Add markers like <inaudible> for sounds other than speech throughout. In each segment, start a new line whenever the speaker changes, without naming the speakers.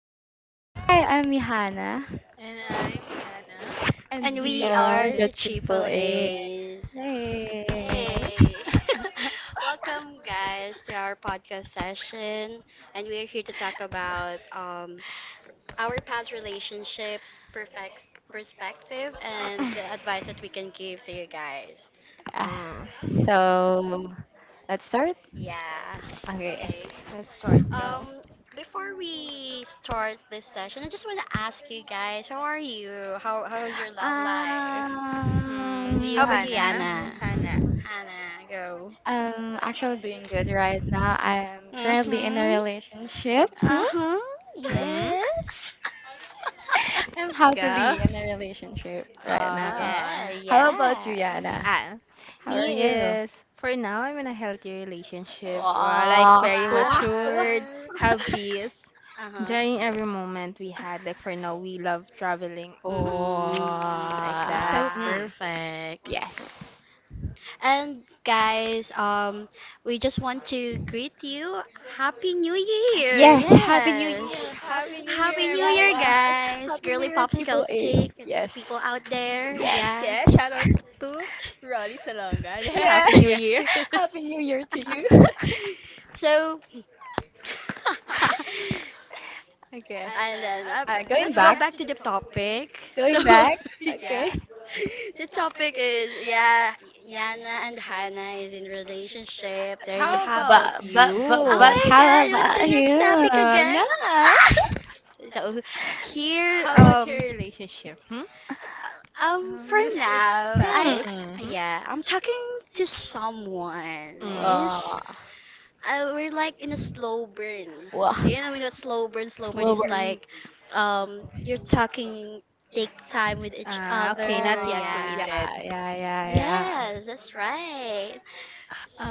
Ara.
Hi, I'm Johanna,
And I'm Yana.
and
And
we
We
we
are
are
are
the
the
the
Triple
Triple
A.
AAA. <laughs>
A's.
Hey.
Hey!
<laughs>
<laughs> Welcome, guys, to our podcast session. And we are here to talk about our past relationships, perfect perspective, and the advice that we can give to you guys.
Ah, So let's start.
Yes.
Okay.
Okay.
Let's start. Go.
Um, before we start this session, I just want to ask you guys, how are you? How's your love life?
Um,
Hmm, you
How about you,
Hannah.
Anna?
Hannah.
Anna, go.
I'm actually doing good right now. I'm currently in a
Mm-hmm.
relationship. Hmm?
Uh-huh.
Hmm?
Yes. <laughs>
I'm
Yes?
happily
Ikaw?
in a relationship right now.
Ah.
Okay,
How
Oh.
about you,
yeah.
Yana?
Ah.
How are
Me
you?
is for now I'm in a healthy relationship. Well, like oh,
Wow.
very
Wow. Wow.
matured,
Wow.
have peace, uh-huh,
Uh-huh.
enjoying every moment we had. Like for now we love traveling. Hmm.
Mm-hmm. So
Wow.
perfect.
Yes.
And guys, we just want to greet you. Happy New Year!
Yes. Happy New Year.
Yes!
Happy
Happy
New Year,
Happy New Year,
Yana.
guys!
Happy New
Girly
Year,
Popsicle
Triple A.
Stick and to the people
Yes.
out there.
<laughs>
Yes.
Yeah.
yes. Shout out to Rolly Salonga. <laughs> Yeah,
Yeah.
Happy
<laughs>
New
<laughs> yeah.
Year.
Happy New Year to you. <laughs>
<laughs> so, <laughs>
<laughs>
Okay.
and then
Uh,
let's
going
go
back.
back to the topic. So,
Going back.
<laughs>
Okay.
yeah. The topic is, yeah, Yana and Hannah is in relationship. They're in a happy.
about
But but but
Oh
you?
but
my
how
god, what's the
about you?
next topic again?
No.
<laughs> so here
Your relationship? Hmm?
for now I,
Hmm.
yeah, I'm talking to someone. Yes.
Well,
We're like in a slow burn.
wow.
Do you know what slow burn? Slow burn is
Slower.
like you're talking, take time with each
Ah, okay,
other.
not yet
Oh,
Yeah.
yeah,
committed. So,
yeah, yeah, yeah.
Yes, that's right.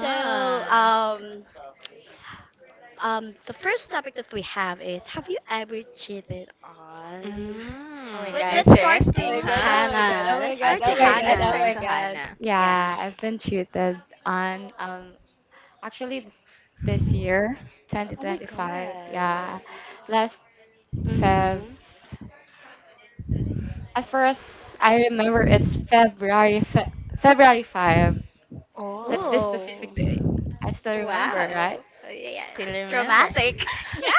So, um, the first topic that we have is, have you ever cheated on?
Oh my
Wait,
Mm,
god.
let's start
Oh my
interesting,
to
god,
huh?
oh my god,
Hannah.
oh my
Let's
god,
Ah,
start
oh
to
my
sige,
god,
let's
oh
start
my
Hannah.
to
god.
Hannah.
Yeah.
Yeah, I've been cheated on actually this year,
Oh my
2025.
god.
Yeah. Last Feb.
Mm-hmm.
As far as I remember, it's February 5. That's this
Oh,
specific
Oh.
day. I still remember, right?
Wow. Yeah,
still
it's
remember. <laughs>
traumatic.
Yeah,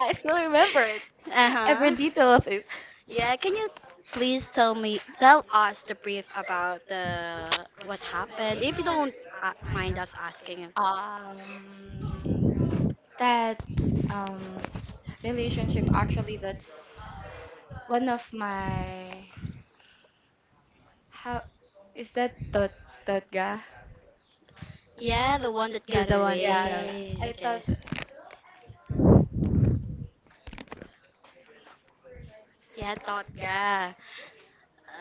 I still remember it.
<laughs>
Every
uh-huh.
detail of it.
Yeah, can you please tell me, tell us the brief about the what happened? If you don't mind us asking,
Um, that um, relationship actually, that's one of my how is that thought ga?
yeah, the one that
The
got
the one get
Yeah,
away.
away.
I
Okay.
thought
Yeah, Totga.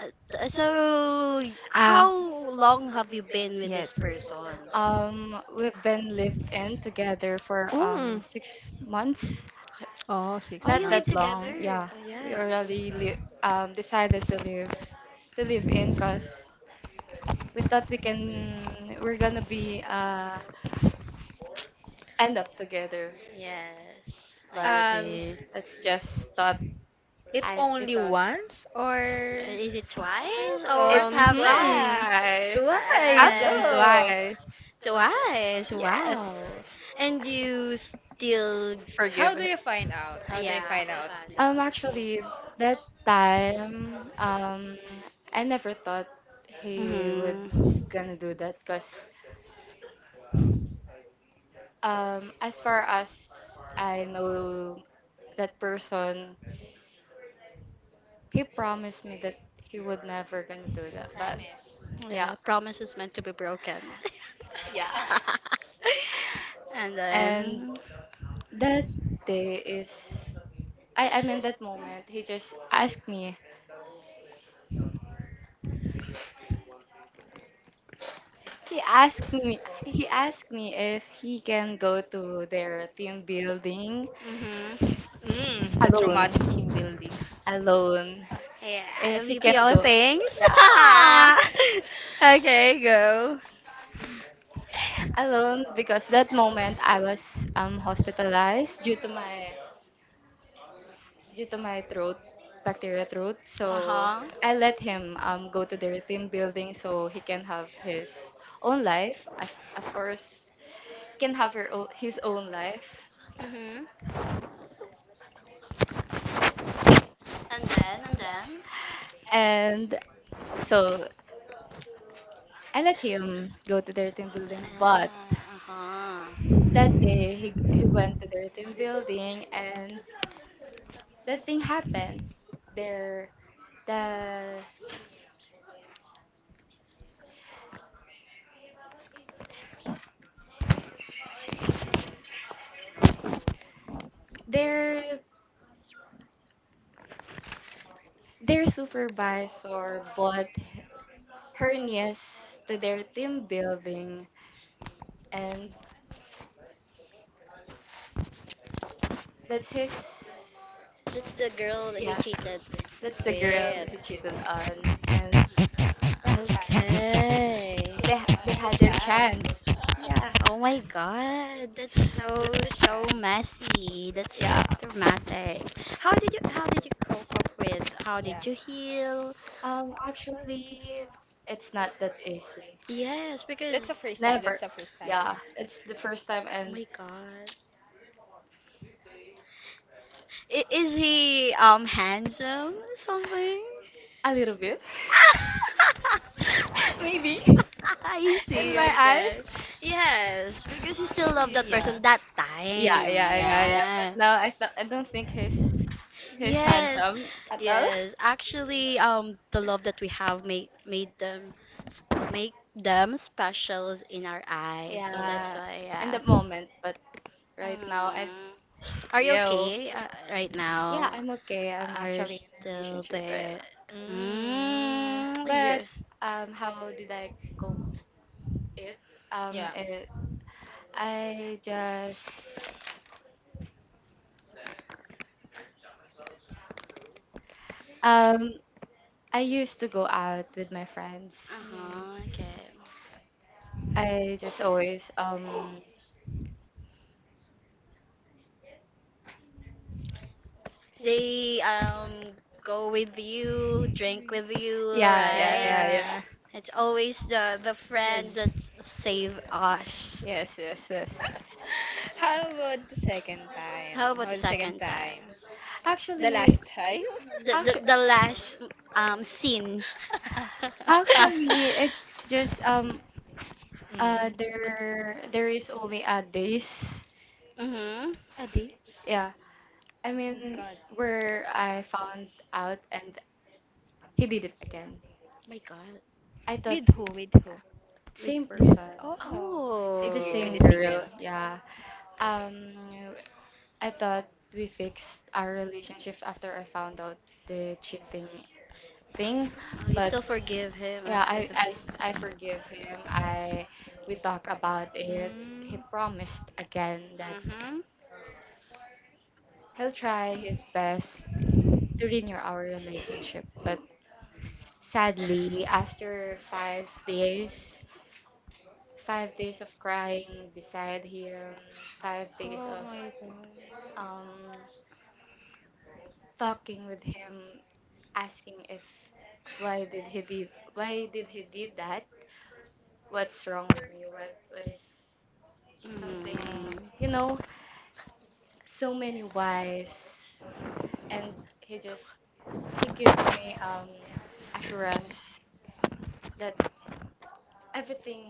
Uh, so,
Ah,
how long have you been with
yes.
this person?
we've been lived in together for
Mm.
6 months,
Oh, oh, six
Oh,
not
you
months.
live
that long.
together.
Yeah,
Oh,
we
yes.
already decided to live in because we thought we're gonna be end up together.
Yes, I
But
Um,
see.
it's just thought
it
I we
only
thought
once or
Is it twice? Or
well,
what
it's
um
happened?
hmm,
twice. It happened
Uh,
oh,
twice.
twice. Wow.
Yes.
And you still,
how
Forgive
do
it.
you find out? How do you
yeah,
find
haven't
out?
found out.
Actually, that time I never thought he would
Mm-hmm.
gonna do that, because as far as I know, that person, he promised me that he would never gonna do that. But
Promise.
yeah,
Yeah, promise is meant to be broken.
yeah.
<laughs>
<laughs> and
<laughs> And
then,
that day is, I mean, that moment he just asked me. He asked me he asked me if he can go to their team building
mhm,
The traumatic team
alone.
building.
Alone.
yeah,
If
the
he can
BPO
go.
things.
Yeah. <laughs>
<laughs>
The,
okay, go.
Alone, because that moment I was hospitalized, due to my throat bacteria throat. So
Uh huh.
I let him go to their team building so he can have his own life. As, of course, can have her own, his own life.
Mhm. And then, and then.
And so I let him go to their team building, but
Ah, uh huh.
that day he went to their team building and that thing happened. Their the their their supervisor bought her niece to their team building, and that's his,
That's the girl that he
yeah,
cheated
that's the girl
with.
he cheated on. And yeah,
Okay.
they had their chance.
chance.
Yeah,
Oh my God, that's
That's
so
the
so
chance.
messy. That's
yeah.
dramatic. How did you cope up with? How
Yeah.
did you heal?
Actually, it's not that easy.
Yes,
That's the
because.
first time.
Never.
That's the first time.
Yeah, it's the first time.
Oh
And
my God. Is he handsome or something?
a little bit, <laughs>
<laughs>
maybe,
I
<laughs> in
see,
my eyes.
okay. Yes, because you still love that
Yeah.
person that
Yeah,
time.
yeah, yeah, yeah. But
Yeah.
no, I don't think he's
Yes.
handsome at all. <laughs>
Yes, actually, the love that we have make made them make them specials in our eyes. So
Yeah.
that's
Yeah,
why,
in the
yeah.
moment, but right now, I,
Mhm. Are you
yo,
okay right
yeah,
now?
I'm okay. I'm
Are you
actually in a
still
relationship right
there?
now.
Mm.
Mm,
But
you.
how did I cope? It. Um,
Yeah.
it. I just. Um. I used to go out with my friends.
Uh-huh,
Mm.
okay.
I just always.
They go with you, drink with you,
Yeah, yeah,
right?
yeah, yeah.
Yeah.
It's always the friends
That's—
that save us.
Yes, yes, yes.
<laughs> How about the second time?
How
How
about the
about the second
second
time?
time?
The
Actually,
last time?
The the,
actually,
the last scene.
<laughs>
actually, it's
<laughs>
just there is only a days.
mhm.
Yeah. I mean,
Oh,
where I found out, and he did it again.
My God.
I thought
with who? With who?
With
same
This.
person,
Oh,
the same
with
oh.
girl. Yeah. Um, I thought we fixed our relationship after I found out the cheating thing,
Oh, you
but
still forgive him
yeah,
after.
I forgive him. I we talk about
he.
it. He
Mm,
promised again that
Mhm.
he'll try his best to renew our relationship, but sadly, after 5 days, 5 days of crying beside him, 5 days of
god.
um talking with him, asking if why did he did why did he did that? What's wrong with me? What is something,
Mhm.
you know? So many whys, and he just he gives me assurance that everything,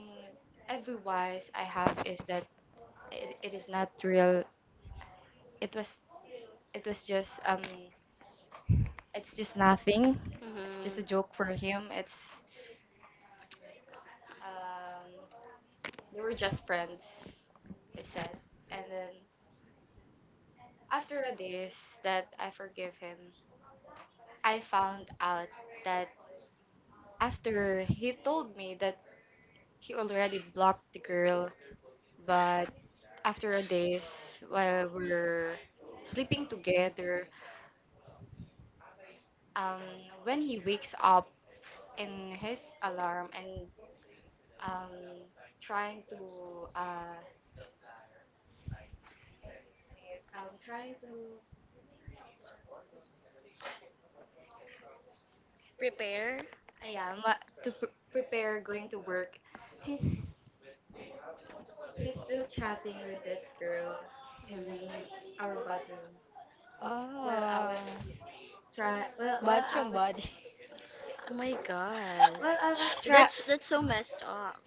every whys I have is that it is not real. It was it was just it's just nothing. It's just
Mhm.
a joke for him. It's um they were just friends, he said. And then after this, that I forgive him, I found out that after he told me that he already blocked the girl, but after this, while we're sleeping together, um, when he wakes up in his alarm and, um, trying to, trying to,
Prepare.
Ah, Yeah, ma- prepare going to work. He's he's still chatting with that girl in
Mhm.
our bathroom. While
well,
I
Ah.
was
Well,
while
well,
I
yung
was,
body.
Oh my
<laughs> Oh,
God.
while I was try
well.
That's so messed up.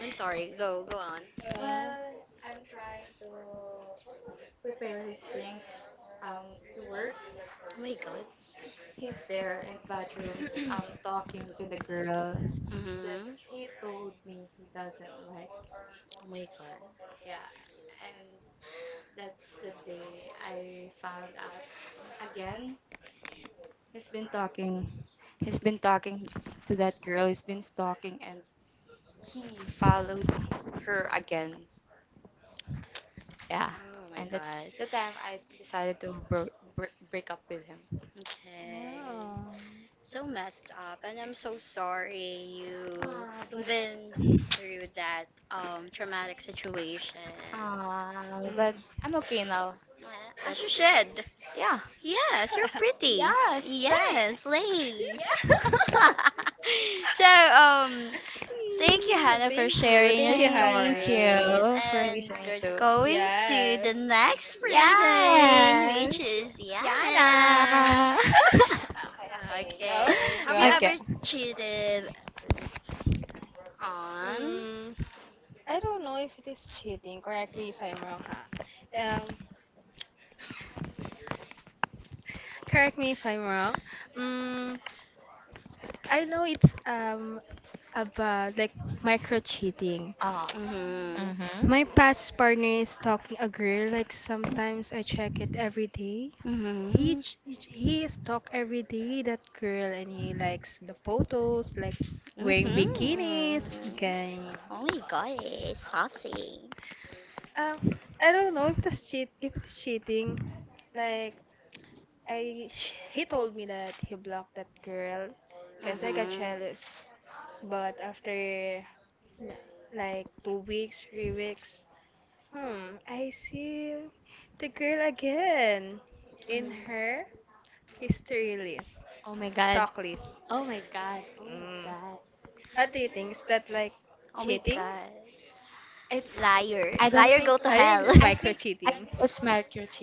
I'm sorry. Go go on.
Uh,
well I'm trying to prepare his things to work.
Oh my God.
He's there in bathroom, talking to the girl that
Mm-hmm.
he told me he doesn't like.
Oh my god.
Yeah. That's the day I found out. Again, he's been talking. He's been talking to that girl. He's been stalking, and he followed her again. Yeah,
Oh my
and that's
god.
the time I decided to break up with him.
Okay.
wow. Well.
So messed up and I'm so sorry
Aw,
you been through that traumatic situation.
But
Mm.
I'm okay now.
Uh, As you
That's
should.
yeah.
Yes, you're
<laughs>
pretty.
Yes, thanks.
Yes, Lay.
<laughs>
<laughs> so, um,
Mm,
thank you, Hannah, for
thank you.
sharing your
Thank you,
Thank
Hannah.
stories.
you for
And
listening
we're
to.
Experiences.
going to the
Yes.
next person, which
Yes,
is
Yana.
Yana.
<laughs> Go,
Okay. Have
<laughs>
you
go.
Okay.
ever cheated on?
Mm. I don't know if it is cheating. Correct me if I'm wrong, huh? Um, correct me if I'm wrong. Mm, I know it's about like micro cheating.
Oh.
Mhm.
Mm-hmm.
My past partner is stalking a girl. Like sometimes I check it every day. He
Mhm.
ch- he ch- he is talk every day that girl and he likes the photos like wearing bikinis
Mhm.
ganyan.
Oh my god, it's saucy.
Um, I don't know if that's cheat if it's cheating. Like I sh- he told me that he blocked that girl because I got
Mhm.
jealous. But after n- like 2 weeks, 3 weeks, I see the girl again in
Mm.
her history list,
Oh my god.
stock list.
Oh my god.
Mm. How do you think? Is that like
Oh my
cheating?
god.
It's.
Liar.
I don't
Liar, go
think.
to
I think
hell.
it's
I
<laughs>
micro
think. I
cheating.
think it's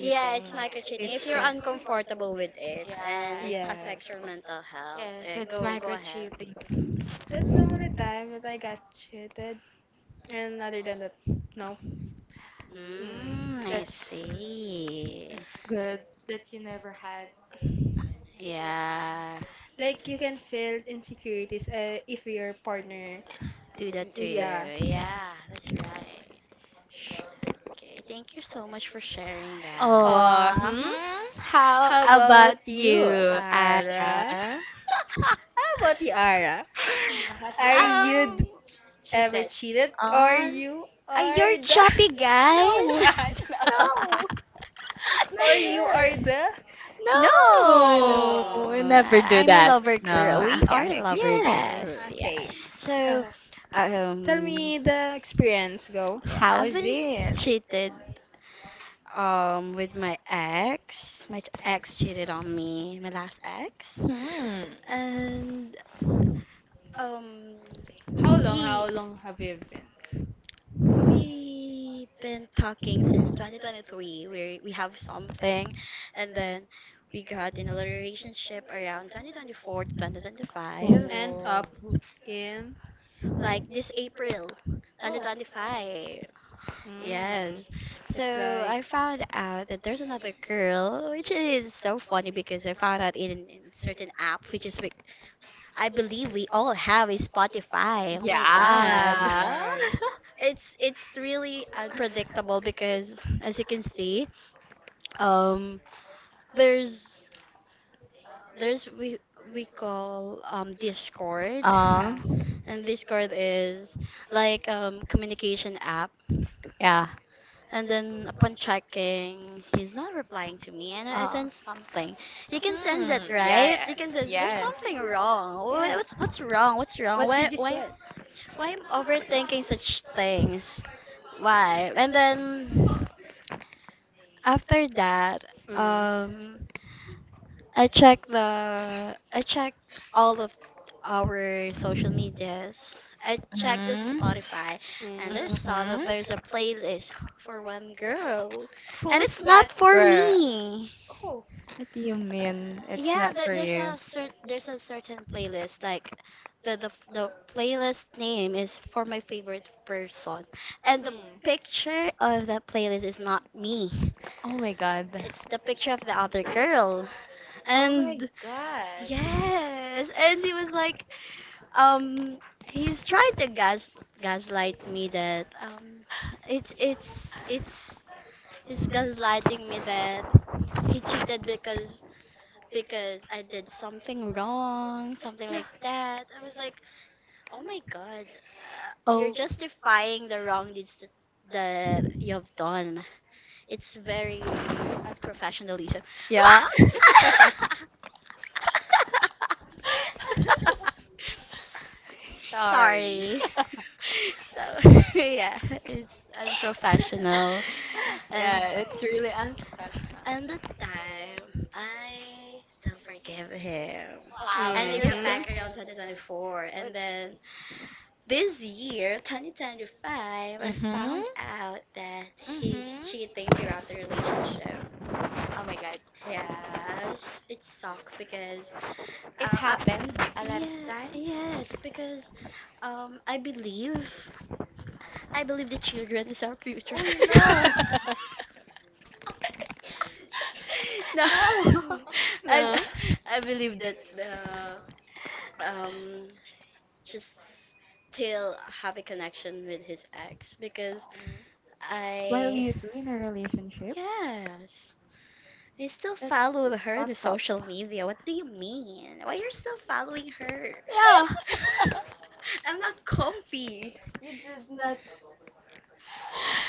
Yeah, it's micro cheating.
It
If you're
can.
uncomfortable with it and it
Yeah.
Yes.
affects your mental health,
Yes, it's
go go ahead.
microchipping.
That's the only time that I got cheated. And other than that, no. Mm.
Mm, I
That's.
see.
It's good that you never had it
Yeah,
Like you can feel insecurities if your partner.
do that to
did it.
Yeah.
you.
Yeah.
Yeah, that's right. Okay, thank you so much for sharing that.
Uh
Oh,
hmm.
<laughs>
mhm. How
How
about
about you,
you, Ara?
Ara?
Have
How about you, Ara? Are
you
you
um,
d-
ever
ever
cheated
cheated
on?
or
On?
you
are
are
you
the? <laughs>
choppy
No,
guys?
No.
no, <laughs> it's not
Or you
fair.
are the?
<laughs> No,
No,
No,
we never do
I'm a
that.
lover girl.
No.
ah,
We
okay,
are
okay, okay.
lover
Yes,
girls.
Okay.
yes.
So,
Oh, tell
um,
me the experience. Go.
yeah, I
How is
haven't
it?
cheated with my ex. My ex cheated on me, my last ex,
Hmm.
and um, we
How long have you been?
we been talking since 2023. We have something, and then we got in a little relationship around 2024 to 2025.
End
Oh.
up in.
Like this April
Oh.
2025.
Mm.
Yes.
It's
So
like.
I found out that there's another
Mm,
girl, which is so funny because I found out in certain app, which is we, I believe we all have
okay.
a Spotify. Oh my
Yeah.
God. <laughs> It's really unpredictable because as you can see, um, there's there's we call Discord,
Uh,
Ah.
and Discord is like communication app.
yeah.
And then upon checking, he's not replying to me, and I
Uh,
sense something. You can sense
hmm.
it, right? You can
Yes.
sense there's
Yes.
something wrong. Wha-
Yeah.
What's what's wrong? What's wrong?
What
Why
did you
why
say?
why I'm overthinking such things? Why? And then after that,
Mm.
um, I check the I check all of our social medias. I checked the
Mm.
Spotify and I
And
saw that
Mm-hmm.
there's
mm.
a playlist for one girl. And
Who's
it's not
that
for
girl?
me.
Oh.
What do you mean? It's
Yeah,
not
there,
for
there's a
you.
cer- there's a certain playlist like the playlist name is for my favorite person. And the
Mm.
picture of that playlist is not me.
Oh my god.
It's the picture of the other girl.
Oh my
And
god.
yes, and he was like, um, he's trying to gaslight me that it's he's gaslighting me that he cheated because I did something wrong, something like that. I was like, oh my god, you're
Oh,
justifying the wrong deeds that that you've done. It's very unprofessionalism.
yeah.
<laughs>
Sorry.
Sorry. <laughs>
<laughs> Wow.
So <laughs> yeah, it's unprofessional. And
Yeah, it's really unprofessional.
and the time I still forgive him.
Wow,
And
And
you're
we
mhm.
so.
got back around 2024 and then this year, 2025, I found
Mm-hmm.
out that he's
Mm-hmm.
cheating throughout the relationship.
Oh my god.
Yes, it sucked because
It
uh, uh,
happened a lot of
yeah,
times.
yes, because um, I believe I believe the children is our future.
Oh, you
<laughs>
<laughs>
know.
no,
<laughs> No.
And
I
no.
I believe that the um just still have a connection with his ex because
Mm,
While
I.
you two in a relationship,
Yes. I still follow her in the
fuck up.
social media. What do you mean? Why you're still following her?
yeah,
Yeah.
you do not.
<laughs> I'm not comfy.
You did not.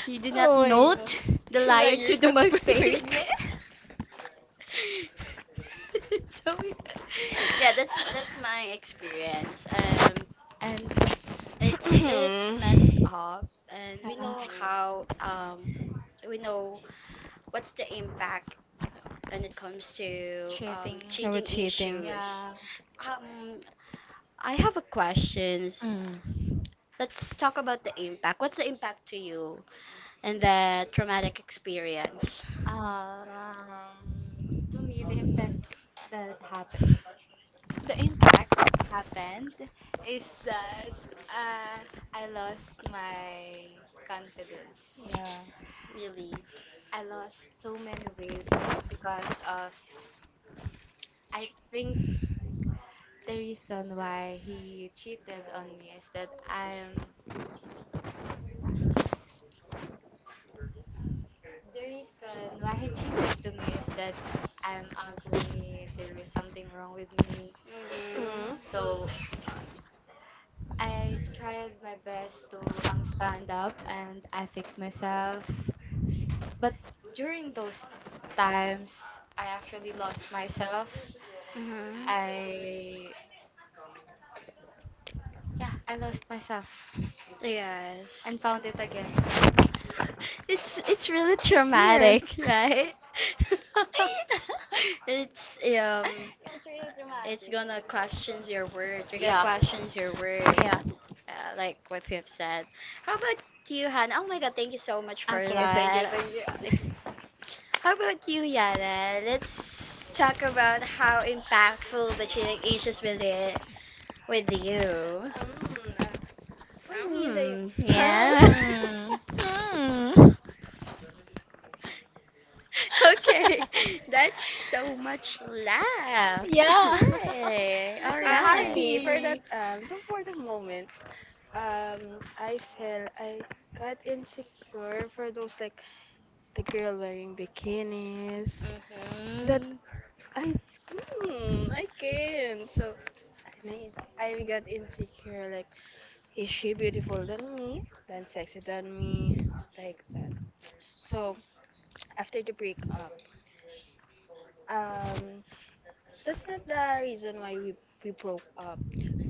You do
Oh, know
not
my what god.
note the liar
Can you're
to the
stuck
my
with <laughs> fake.
fake. <laughs> so yeah, yeah, that's my experience.
And
<clears throat> When it
It's messed up, and we
yeah,
know how we know what's the impact when it comes
um,
to
cheating.
now with
cheating
cheating. Cheating.
issues.
Yeah.
Um, I have a questions.
Mm.
Let's talk about the impact. What's the impact to you and the traumatic experience?
Um, To me, the impact. That happened, the impact happened is that, uh, I lost my confidence.
Yeah, yeah.
Really.
I lost so many weight because of, I think, the reason why he cheated on me is that I'm, the reason why he cheated to me is that I'm ugly. There is something wrong with me.
Hmm?
Mhm.
So I tried my best to, stand up, and I fixed myself. But during those times, I actually lost myself.
Mhm.
I, yeah, I lost myself
Yes.
and found it again.
<laughs> It's really
It's here.
traumatic, right? <laughs> it's um it's gonna questions your word. You're gonna
Yeah,
questions your word,
yeah.
like what you've said. How about you, Hannah? Oh my God, thank you so much for
Okay, thank you,
that.
thank you.
How about you, Yana? Let's talk about how impactful the cheating issues with it with you.
Mm. For me, they. <laughs>
Mm,
Huh? <laughs>
yeah. <laughs>
Mm.
<laughs> Okay, that's so much laugh. Okay, all
<laughs> Sorry, for me,
right.
for that. Sorry. The, for the moment, I feel I got insecure for those like the girl wearing bikinis that
Mhm.
I I can't. So I need, I got insecure like is she beautiful than me? Than sexy than me? Like that. So after the breakup, um, that's not the reason why we broke up.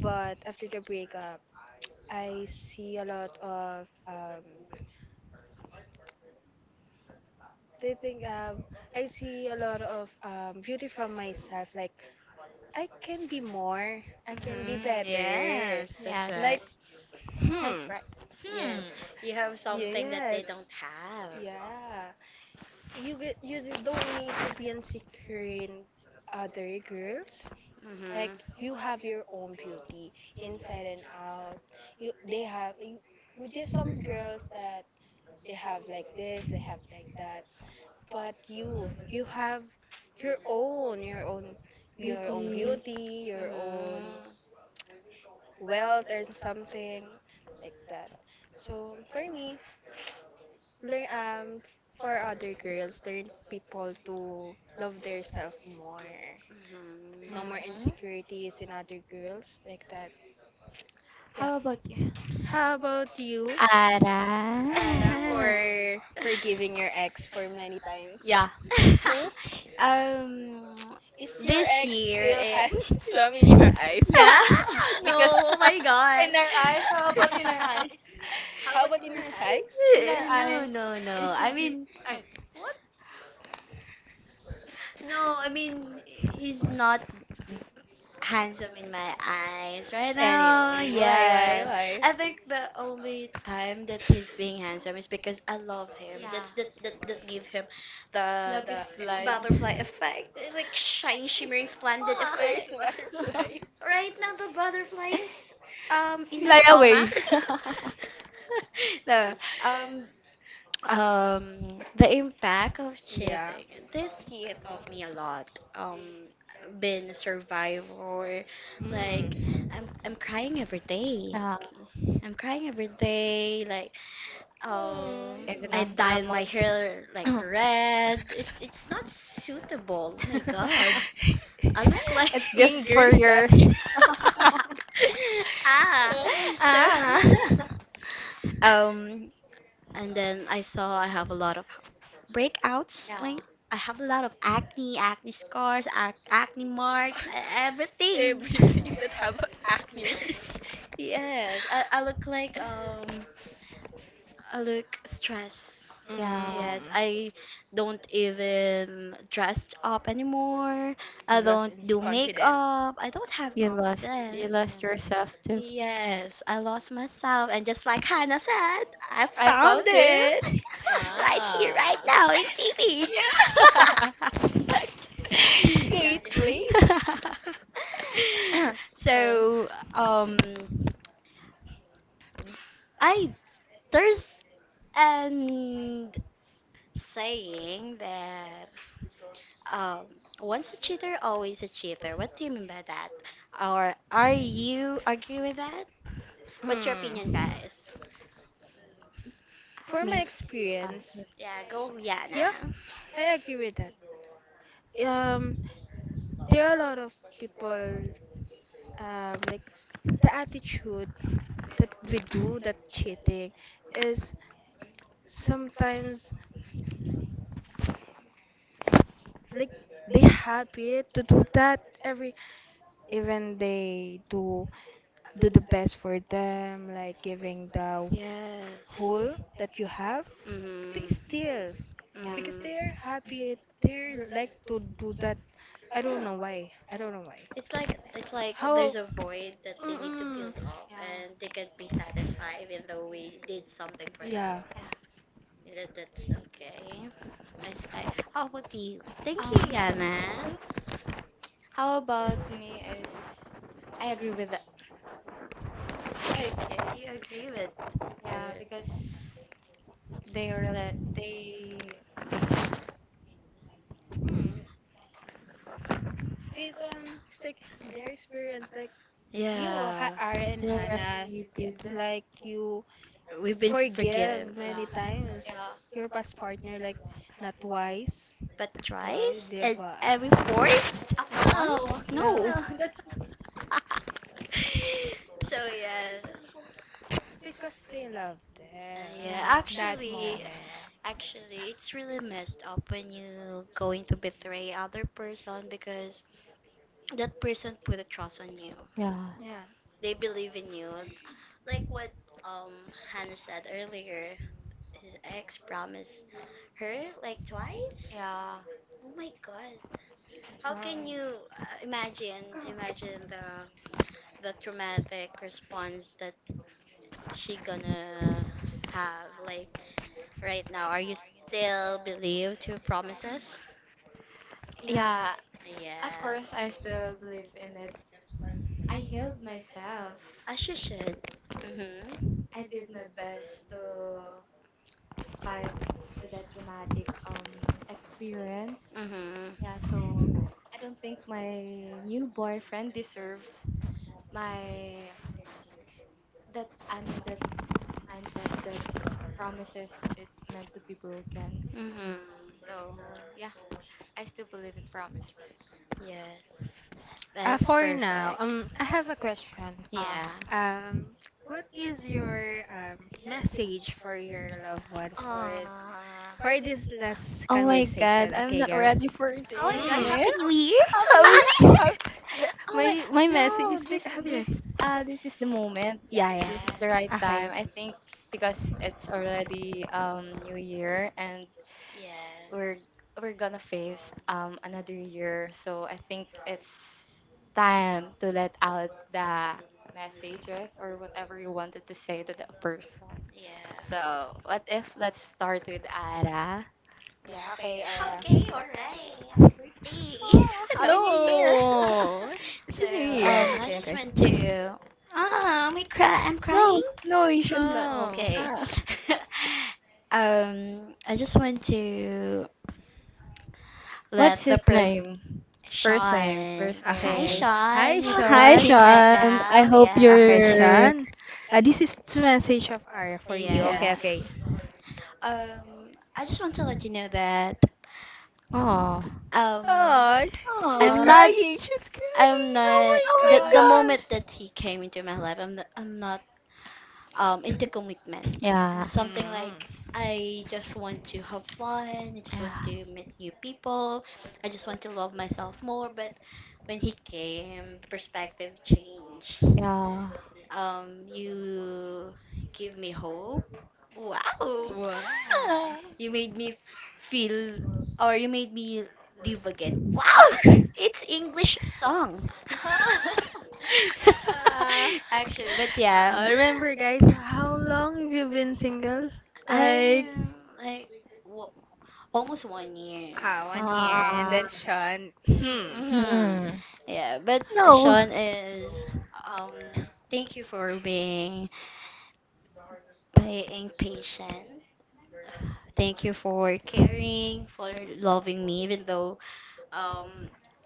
But after the breakup, I see a lot of do you think I see a lot of beauty from myself? Like I can be more, I can be
Mhm.
better.
Yes, that's
Like,
right.
Yes, that's
hmm,
right. Hmm.
Yes, you have something that they
yes,
don't have.
yeah. You get, you d- don't need to be insecure in other girls. Like
Mhm.
you have your own beauty inside and out. You, they have. You, there are some girls that they have like this, they have like that. But you have your own your own
Beauty.
beauty,
Mhm.
your own
Mhm.
wealth or something like that. So for me, learn for other girls, learn people to love their self more, no more insecurities in other girls like that. Yeah,
How about you?
how about you,
Ara.
Ara?
<laughs>
For forgiving your ex for many times.
Yeah.
Hmm?
um,
Is your
this
ex
year,
still <laughs>
it,
handsome in your eyes?
Yeah,
<laughs>
<laughs> because,
<laughs>
no, oh my
in
God.
our eyes,
<laughs> How
how
<laughs>
about
about
in
in
our
her
eyes?
eyes?
In our
No,
eyes,
no, no.
is he
I
beautiful?
mean,
What?
no, I mean, he's not handsome in my eyes right now.
Anyway,
Yes.
why, why?
I think the only time that he's being handsome is because I love him.
Yeah.
That give him the
Love
the
is blind.
butterfly effect, like shine, shimmering, splendid
Where's
effect.
the butterfly?
<laughs>
Right now, the butterfly is in my
Fly
stomach.
away. <laughs>
<laughs> no, um, the impact of
Yeah.
cheating. This year taught me a lot. Um, been a survivor. Like,
Mm.
I'm crying every day.
Yeah,
I'm crying every day. Like,
even
I
Mm.
after
dyed
a
my hair like
month.
red. It's not suitable. Oh my God,
<coughs>
<laughs>
I look <laughs> like.
<laughs> It's just for
Ingers that
your,
<laughs>
you. <laughs>
ah,
<laughs>
so
ah.
Huh?
<laughs>
<laughs> um, and then I saw I have a lot of breakouts.
Yeah.
Like I have a lot of acne, acne scars, acne marks, everything. <laughs>
Everything that have acne words.
Yes, I look like I look stressed.
Yeah.
Yes,
Mm.
I don't even dress up anymore. I don't
Since you're
do
confident.
makeup. I don't have
You
confidence.
lost yourself too.
Yes, I lost myself, and just like Hannah said, I
I
found
found
it
it.
right here, right
Ah.
now in TV.
<laughs>
<laughs> Yeah,
Great place.
yeah. <laughs>
Um,
So, I there's an saying that um, once a cheater, always a cheater. What do you mean by that? Or are you agree with that? What's your opinion,
hmm.
guys?
For my
Me. Ah,
experience,
Yeah, go,
yeah,
Yana.
I agree with that. Um, there are a lot of people, like the attitude that we do that cheating is sometimes like they happy to do that every even they do do the best for them like giving the
Yes.
whole that you have they
Mhm.
still
yeah.
because
Mhm.
they're happy. They like to do that. I don't know why. I don't know why.
It's like there's
How?
a void that they need to fill
Mm-mm.
up, and they can't be satisfied even though we did something for
Yeah.
them.
Yeah.
Yeah.
That, that's okay. I, s- I- how about you? Thank you,
Um,
Yana.
how about me is, I agree with that.
Okay, agree with.
Yeah,
Uh,
because they,
Mm. Based on it's like their experience, like
they're related.
you,
Yeah.
ha-
yeah.
Ara and Hannah, yeah, like you
We've been
forgive
forgive.
many times
Yeah.
your past partner, like not twice,
But
twice,
thrice and
diba?
every fourth of the month?
No,
No,
No.
no, that.
<laughs> so yes.
but because they love
Yeah,
them
Yeah.
that
actually,
moment.
actually, it's really messed up when you going to betray other person because that person put a trust on you.
Yeah.
Yeah.
They believe in you, like what um Hannah said earlier. His ex promised her like twice.
yeah
Oh my god, how can
Promise.
you imagine the traumatic response that she gonna have like right now? Are you still believe to promises?
yeah of course I
Yes.
still believe in it. I healed myself.
As you should. Mhm.
I did my best to fight with that traumatic experience.
Mhm.
Yeah, so I don't think my new boyfriend deserves my that I'm in that mindset that promises is meant to be broken.
Mhm.
So yeah, I still believe in promises.
Yes. That's
For now,
perfect.
I have a question.
Yeah.
Ah,
Um, what is your message for your loved ones
ah.
for this last
Oh my god,
conversation?
I'm
Okay,
not
go.
ready for
Oh my god,
Mm.
this.
Happy New
<laughs>
Year!
How is
<laughs>
how, the-
Oh my,
my message
no,
is like happier.
this is the moment.
Yeah, yeah.
This is the
Yes.
right
Okay.
time. I think because it's already New Year, and we're
Yes.
we're gonna face another year, so I think it's time to let out the messages or whatever you wanted to say to the person,
Yeah.
so what if, let's start with Ara.
Yeah,
Yeah,
okay.
okay.
Okay, alright. Happy birthday.
Oh,
<laughs> No.
Happy New
Oh.
Year!
No,
<laughs>
it's a
So,
new year.
I
Okay,
<laughs>
just went
okay.
to. Oh, am cry? I'm
No,
crying.
no, you should not.
Oh,
No.
okay.
Ah,
<laughs> I just went to
what's
let the
his
person,
name? First
Sean.
name,
Okay.
first
Hi,
name.
Okay. Hi,
Sean.
Ah,
If you're
hi
Sean.
listening right
Sean, I
now,
hope
yeah,
Okay,
you're
Sean. This is the message of Aria
okay,
for
okay,
you. Okay,
yeah.
yes.
Okay.
okay.
Um, I just want to let you know that
Oh.
oh,
Oh, she's
I'm
Oh.
not.
crying. She's
I'm
crying.
not
Oh
Oh
my
the
my
god.
the
god.
moment that he came into my life. I'm not into commitment.
Yeah.
Something
Mm.
like I just want to have fun. I just want
Yeah.
to meet new people. I just want to love myself more. But when he came, the perspective changed.
Yeah.
You give me hope. Wow,
Wow. <laughs>
you made me feel, or you made me live again. Wow,
Huh?
it's English song.
Huh?
Uh,
<laughs> Actually, but yeah,
remember, guys, how long have you been single? Like,
I like. What, almost 1 year.
ah, 1 year. And
Ah.
then Sean. Hmm.
Hmm.
Hmm.
Yeah, but
No.
Sean is um thank you for being being patient. Thank you for caring, for loving me even though um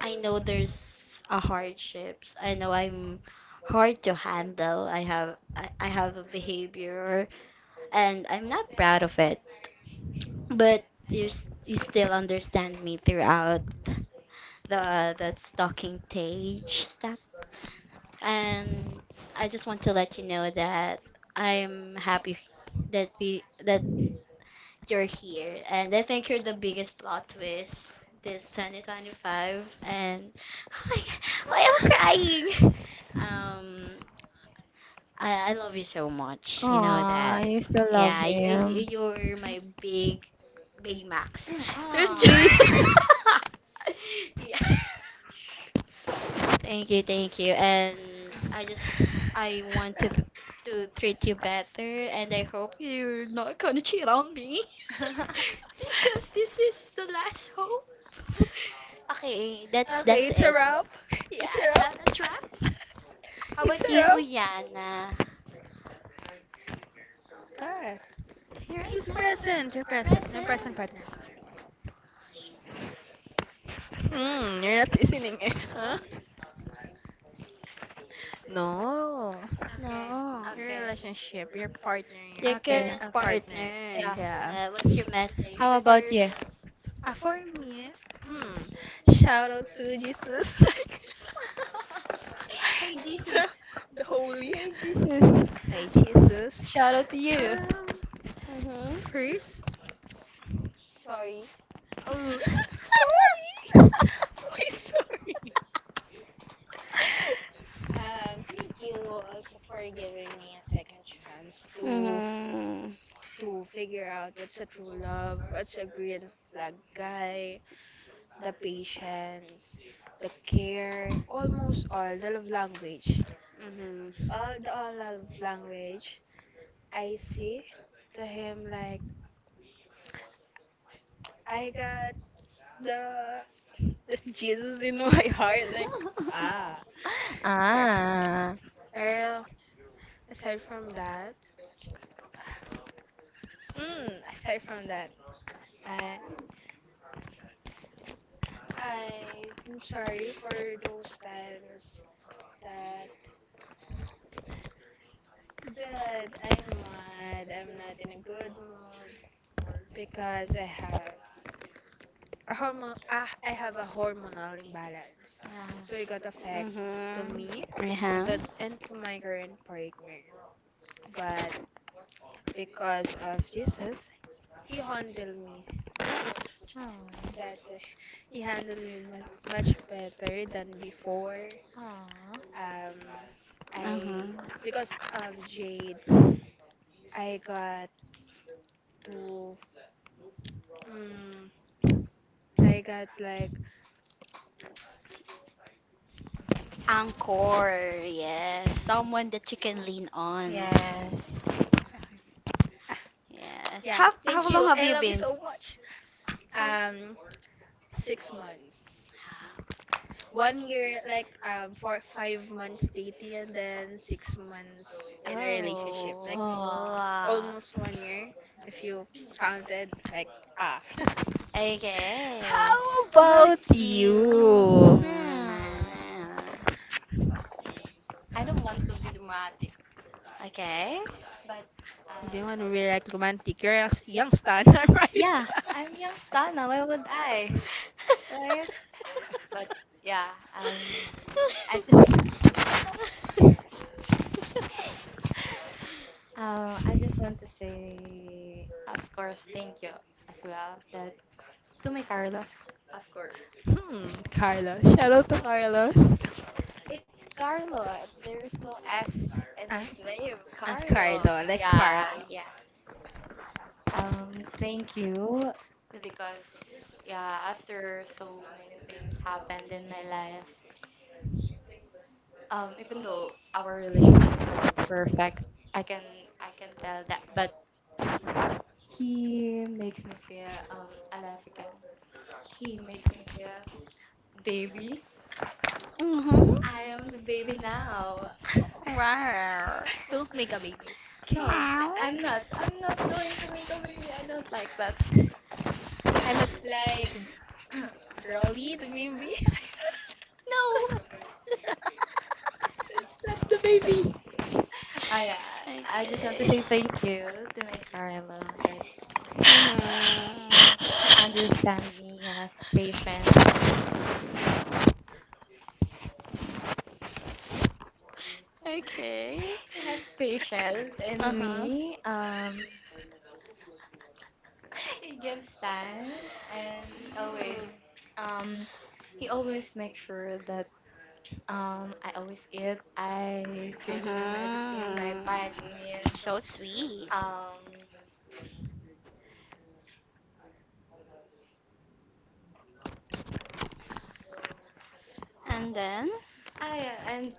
I know there's a hardships. I know I'm hard to handle. I have a behavior and I'm not proud of it. But you still understand me throughout the that stalking stage and I just want to let you know that I'm happy that you're here, and I think you're the biggest plot twist this 2025. And <laughs> oh my god, why am I crying? <laughs> Um, I love you so much. You know
Aw,
that.
you still love
Yeah,
him.
you're my big Baymax.
Mm,
<laughs>
Do
aw.
you— <laughs>
yeah. Thank you, thank you. And I want to treat you better and I hope you're not gonna cheat on me
<laughs>
<laughs> because this is the last hope. <laughs> Okay,
Okay,
that's
it's a
it.
wrap. It's a wrap.
How
It's a
about you,
wrap.
Yana?
But
Right. Who's
who's
now present?
present?
You're present.
Your
You're
present. Your
present.
present
Present?
partner. Hmm, you're not listening, eh? <laughs> Huh? No.
Okay.
No.
Your
Okay.
relationship, your partner,
Uh, your
your
Okay.
na-
current
Okay.
partner.
partner.
Yeah.
Yeah.
What's your message
How
before?
about you?
Ah, for me, hmm,
Shout
shout
out
out
to
to
Jesus.
Jesus, <laughs> like the, the holy. Hi, Jesus.
Shout out to you.
Um,
<laughs> Mhm.
first. Sorry. <laughs> Sorry. Why sorry? Thank you also for giving me a second chance
Hmm.
to figure out what's a true love, what's a green flag guy, the patience, the care, almost all the love language.
Mm-hmm.
All the all love language I say to him like I got the this Jesus in <laughs> my heart like ah.
Ah.
Well, aside from that, aside from that, I I'm sorry for those times that Dad, I'm mad. I'm not in a good mood because I have a hormone. Ah, I have a hormonal imbalance, so it
Yeah.
got affect to
Mhm.
me and
Uh-huh.
and to my current partner. But because of Jesus, he handled me
Oh.
better. He handled me mu- much better than before.
Aw.
Um,
Uh-huh.
I because of Jade, I got to. Mm, I got like
Anchor, yes. Someone that you can lean on.
Yes.
Yes.
yeah, thank
How long
you.
have
I
you
love you
been?
so much.
How.
Um, 6 months. 1 year, like 4 5 months dating, and then 6 months in a relationship.
Oh, ah.
Almost 1 year, if you counted. Like ah. <laughs>
Okay.
How about
See. Mm-hmm. You. Soon.
Oh,
you?
hmm. I don't want to be dramatic,
Okay.
but, uh,
Do you want to be like romantic? You're a s- young stan, <laughs> right?
yeah, I'm youngster now. Why would I? Right? But yeah, um, I just, I just want to say, of course, thank you as well. That to my Carlos, of course.
Hmm, Carlos. Shout out to Carlos.
It's
Carlo.
Carlo. There's no S in his
Ah,
name.
ah,
Carlo.
Carlo, like
Yeah,
Carl.
yeah. Thank you, because, yeah, after so many things happened in my life, even though our relationship wasn't perfect, I can I can tell that, but he makes me feel alive again. He makes me feel baby.
Mhm.
I am the baby now.
Wow.
Don't make a baby. Okay.
No,
Meow.
I
I'm not. I'm not going to make a baby. I don't like that.
I'm a.
would like.
<laughs>
<clears throat>
Rolly, the baby. <laughs>
Slap the baby. Oh yeah, I just want to
Okay.
say thank you to my Carlo, that
Mhm.
he understand me. He has patience.
Okay.
He has patience
Uh
in
huh.
me. He gives time, and um, he always makes sure that I always eat. I drink my medicine, my
Mhm.
vitamins.
So sweet.
Um,
And then.
oh yeah, and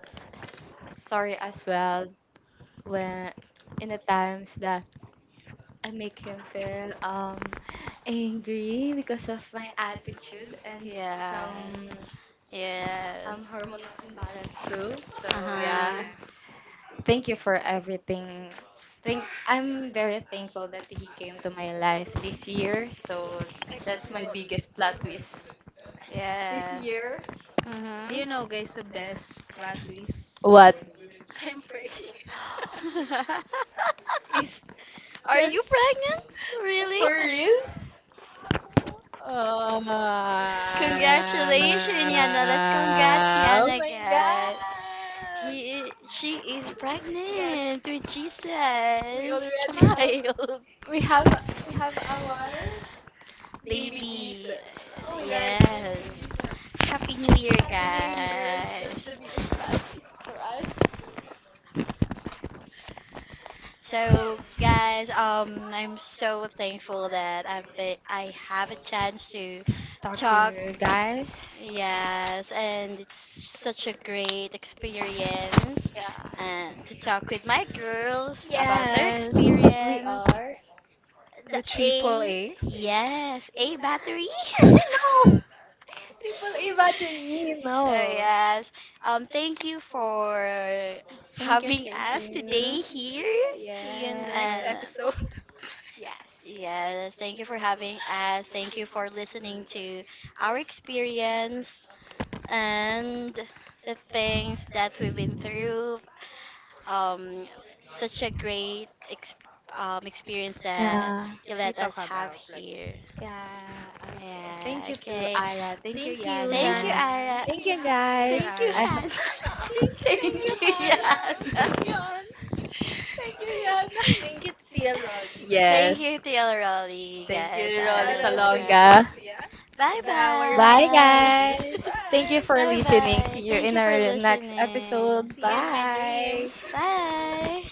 sorry as well, when in the times that I make him feel angry because of my attitude and
Yes.
some
Yes.
hormonal imbalance too. So
Uh
Oh,
yeah,
huh.
thank you for everything. Think I'm very thankful that he came to my life this year.
ah,
So
it's
that's my
good.
biggest
Biggest plot
plot
twist.
twist this
Yes.
year.
Mhm.
Do you know, guys,
<laughs>
the best plot twist?
What?
What? I'm pregnant.
Is
Are
that,
you pregnant?
<laughs>
Really?
For real?
Congratulations, Yana. Let's congrats Yana guys. He she is pregnant with Jesus
um,
child.
have, we have our
<laughs>
Baby
Baby.
Jesus.
Yes. Happy New Year, guys. So guys, I'm so thankful that I've been I have a chance to
talk to
talk.
you guys?
Yes, and it's such a great experience,
Yeah.
and to talk with my girls about their
Yes, we
experience.
are.
The
The
okay, triple A.
A, yes, A battery.
<laughs>
<laughs>
No. Triple A battery,
So
no.
yes, thank you for
Thank you,
having
thank
us today
you.
here.
See you in the next
Yes.
Uh,
episode. <laughs>
Yes. Yeah.
Yes, thank you for having us. Thank you
Uh,
for listening to our experience and the things that we've been through. Um, such a great experience that
um, yeah,
you
We
let
talk
us have
about like.
here.
yeah, okay.
Yeah,
Thank you to
okay.
Ara. Thank you,
Thank you,
Thank you,
Yana.
Yana.
Ara.
Thank
Thank
you,
you,
Hannah. Thank you,
guys.
Thank you,
Ara.
I hope.
Han. <laughs>
Thank
Thank
Thank
you,
you,
you
Yana.
Hannah. Thank you, Yana.
to TL Rolly. Like,
Thank
Yes.
you, TL Raleigh,
Thank
guys.
you, Rolly
shout
I
Rolly
was
out to
like,
you.
Salonga.
Salonga. Yeah.
bye with
The hour
Bye,
our bye.
B.
guys.
Bye.
Thank you
Thank.
for
Bye
listening. See
bye.
you
Thank
in
you for
our next
listening.
episode.
See you in my
Bye.
dreams. <laughs>
Bye.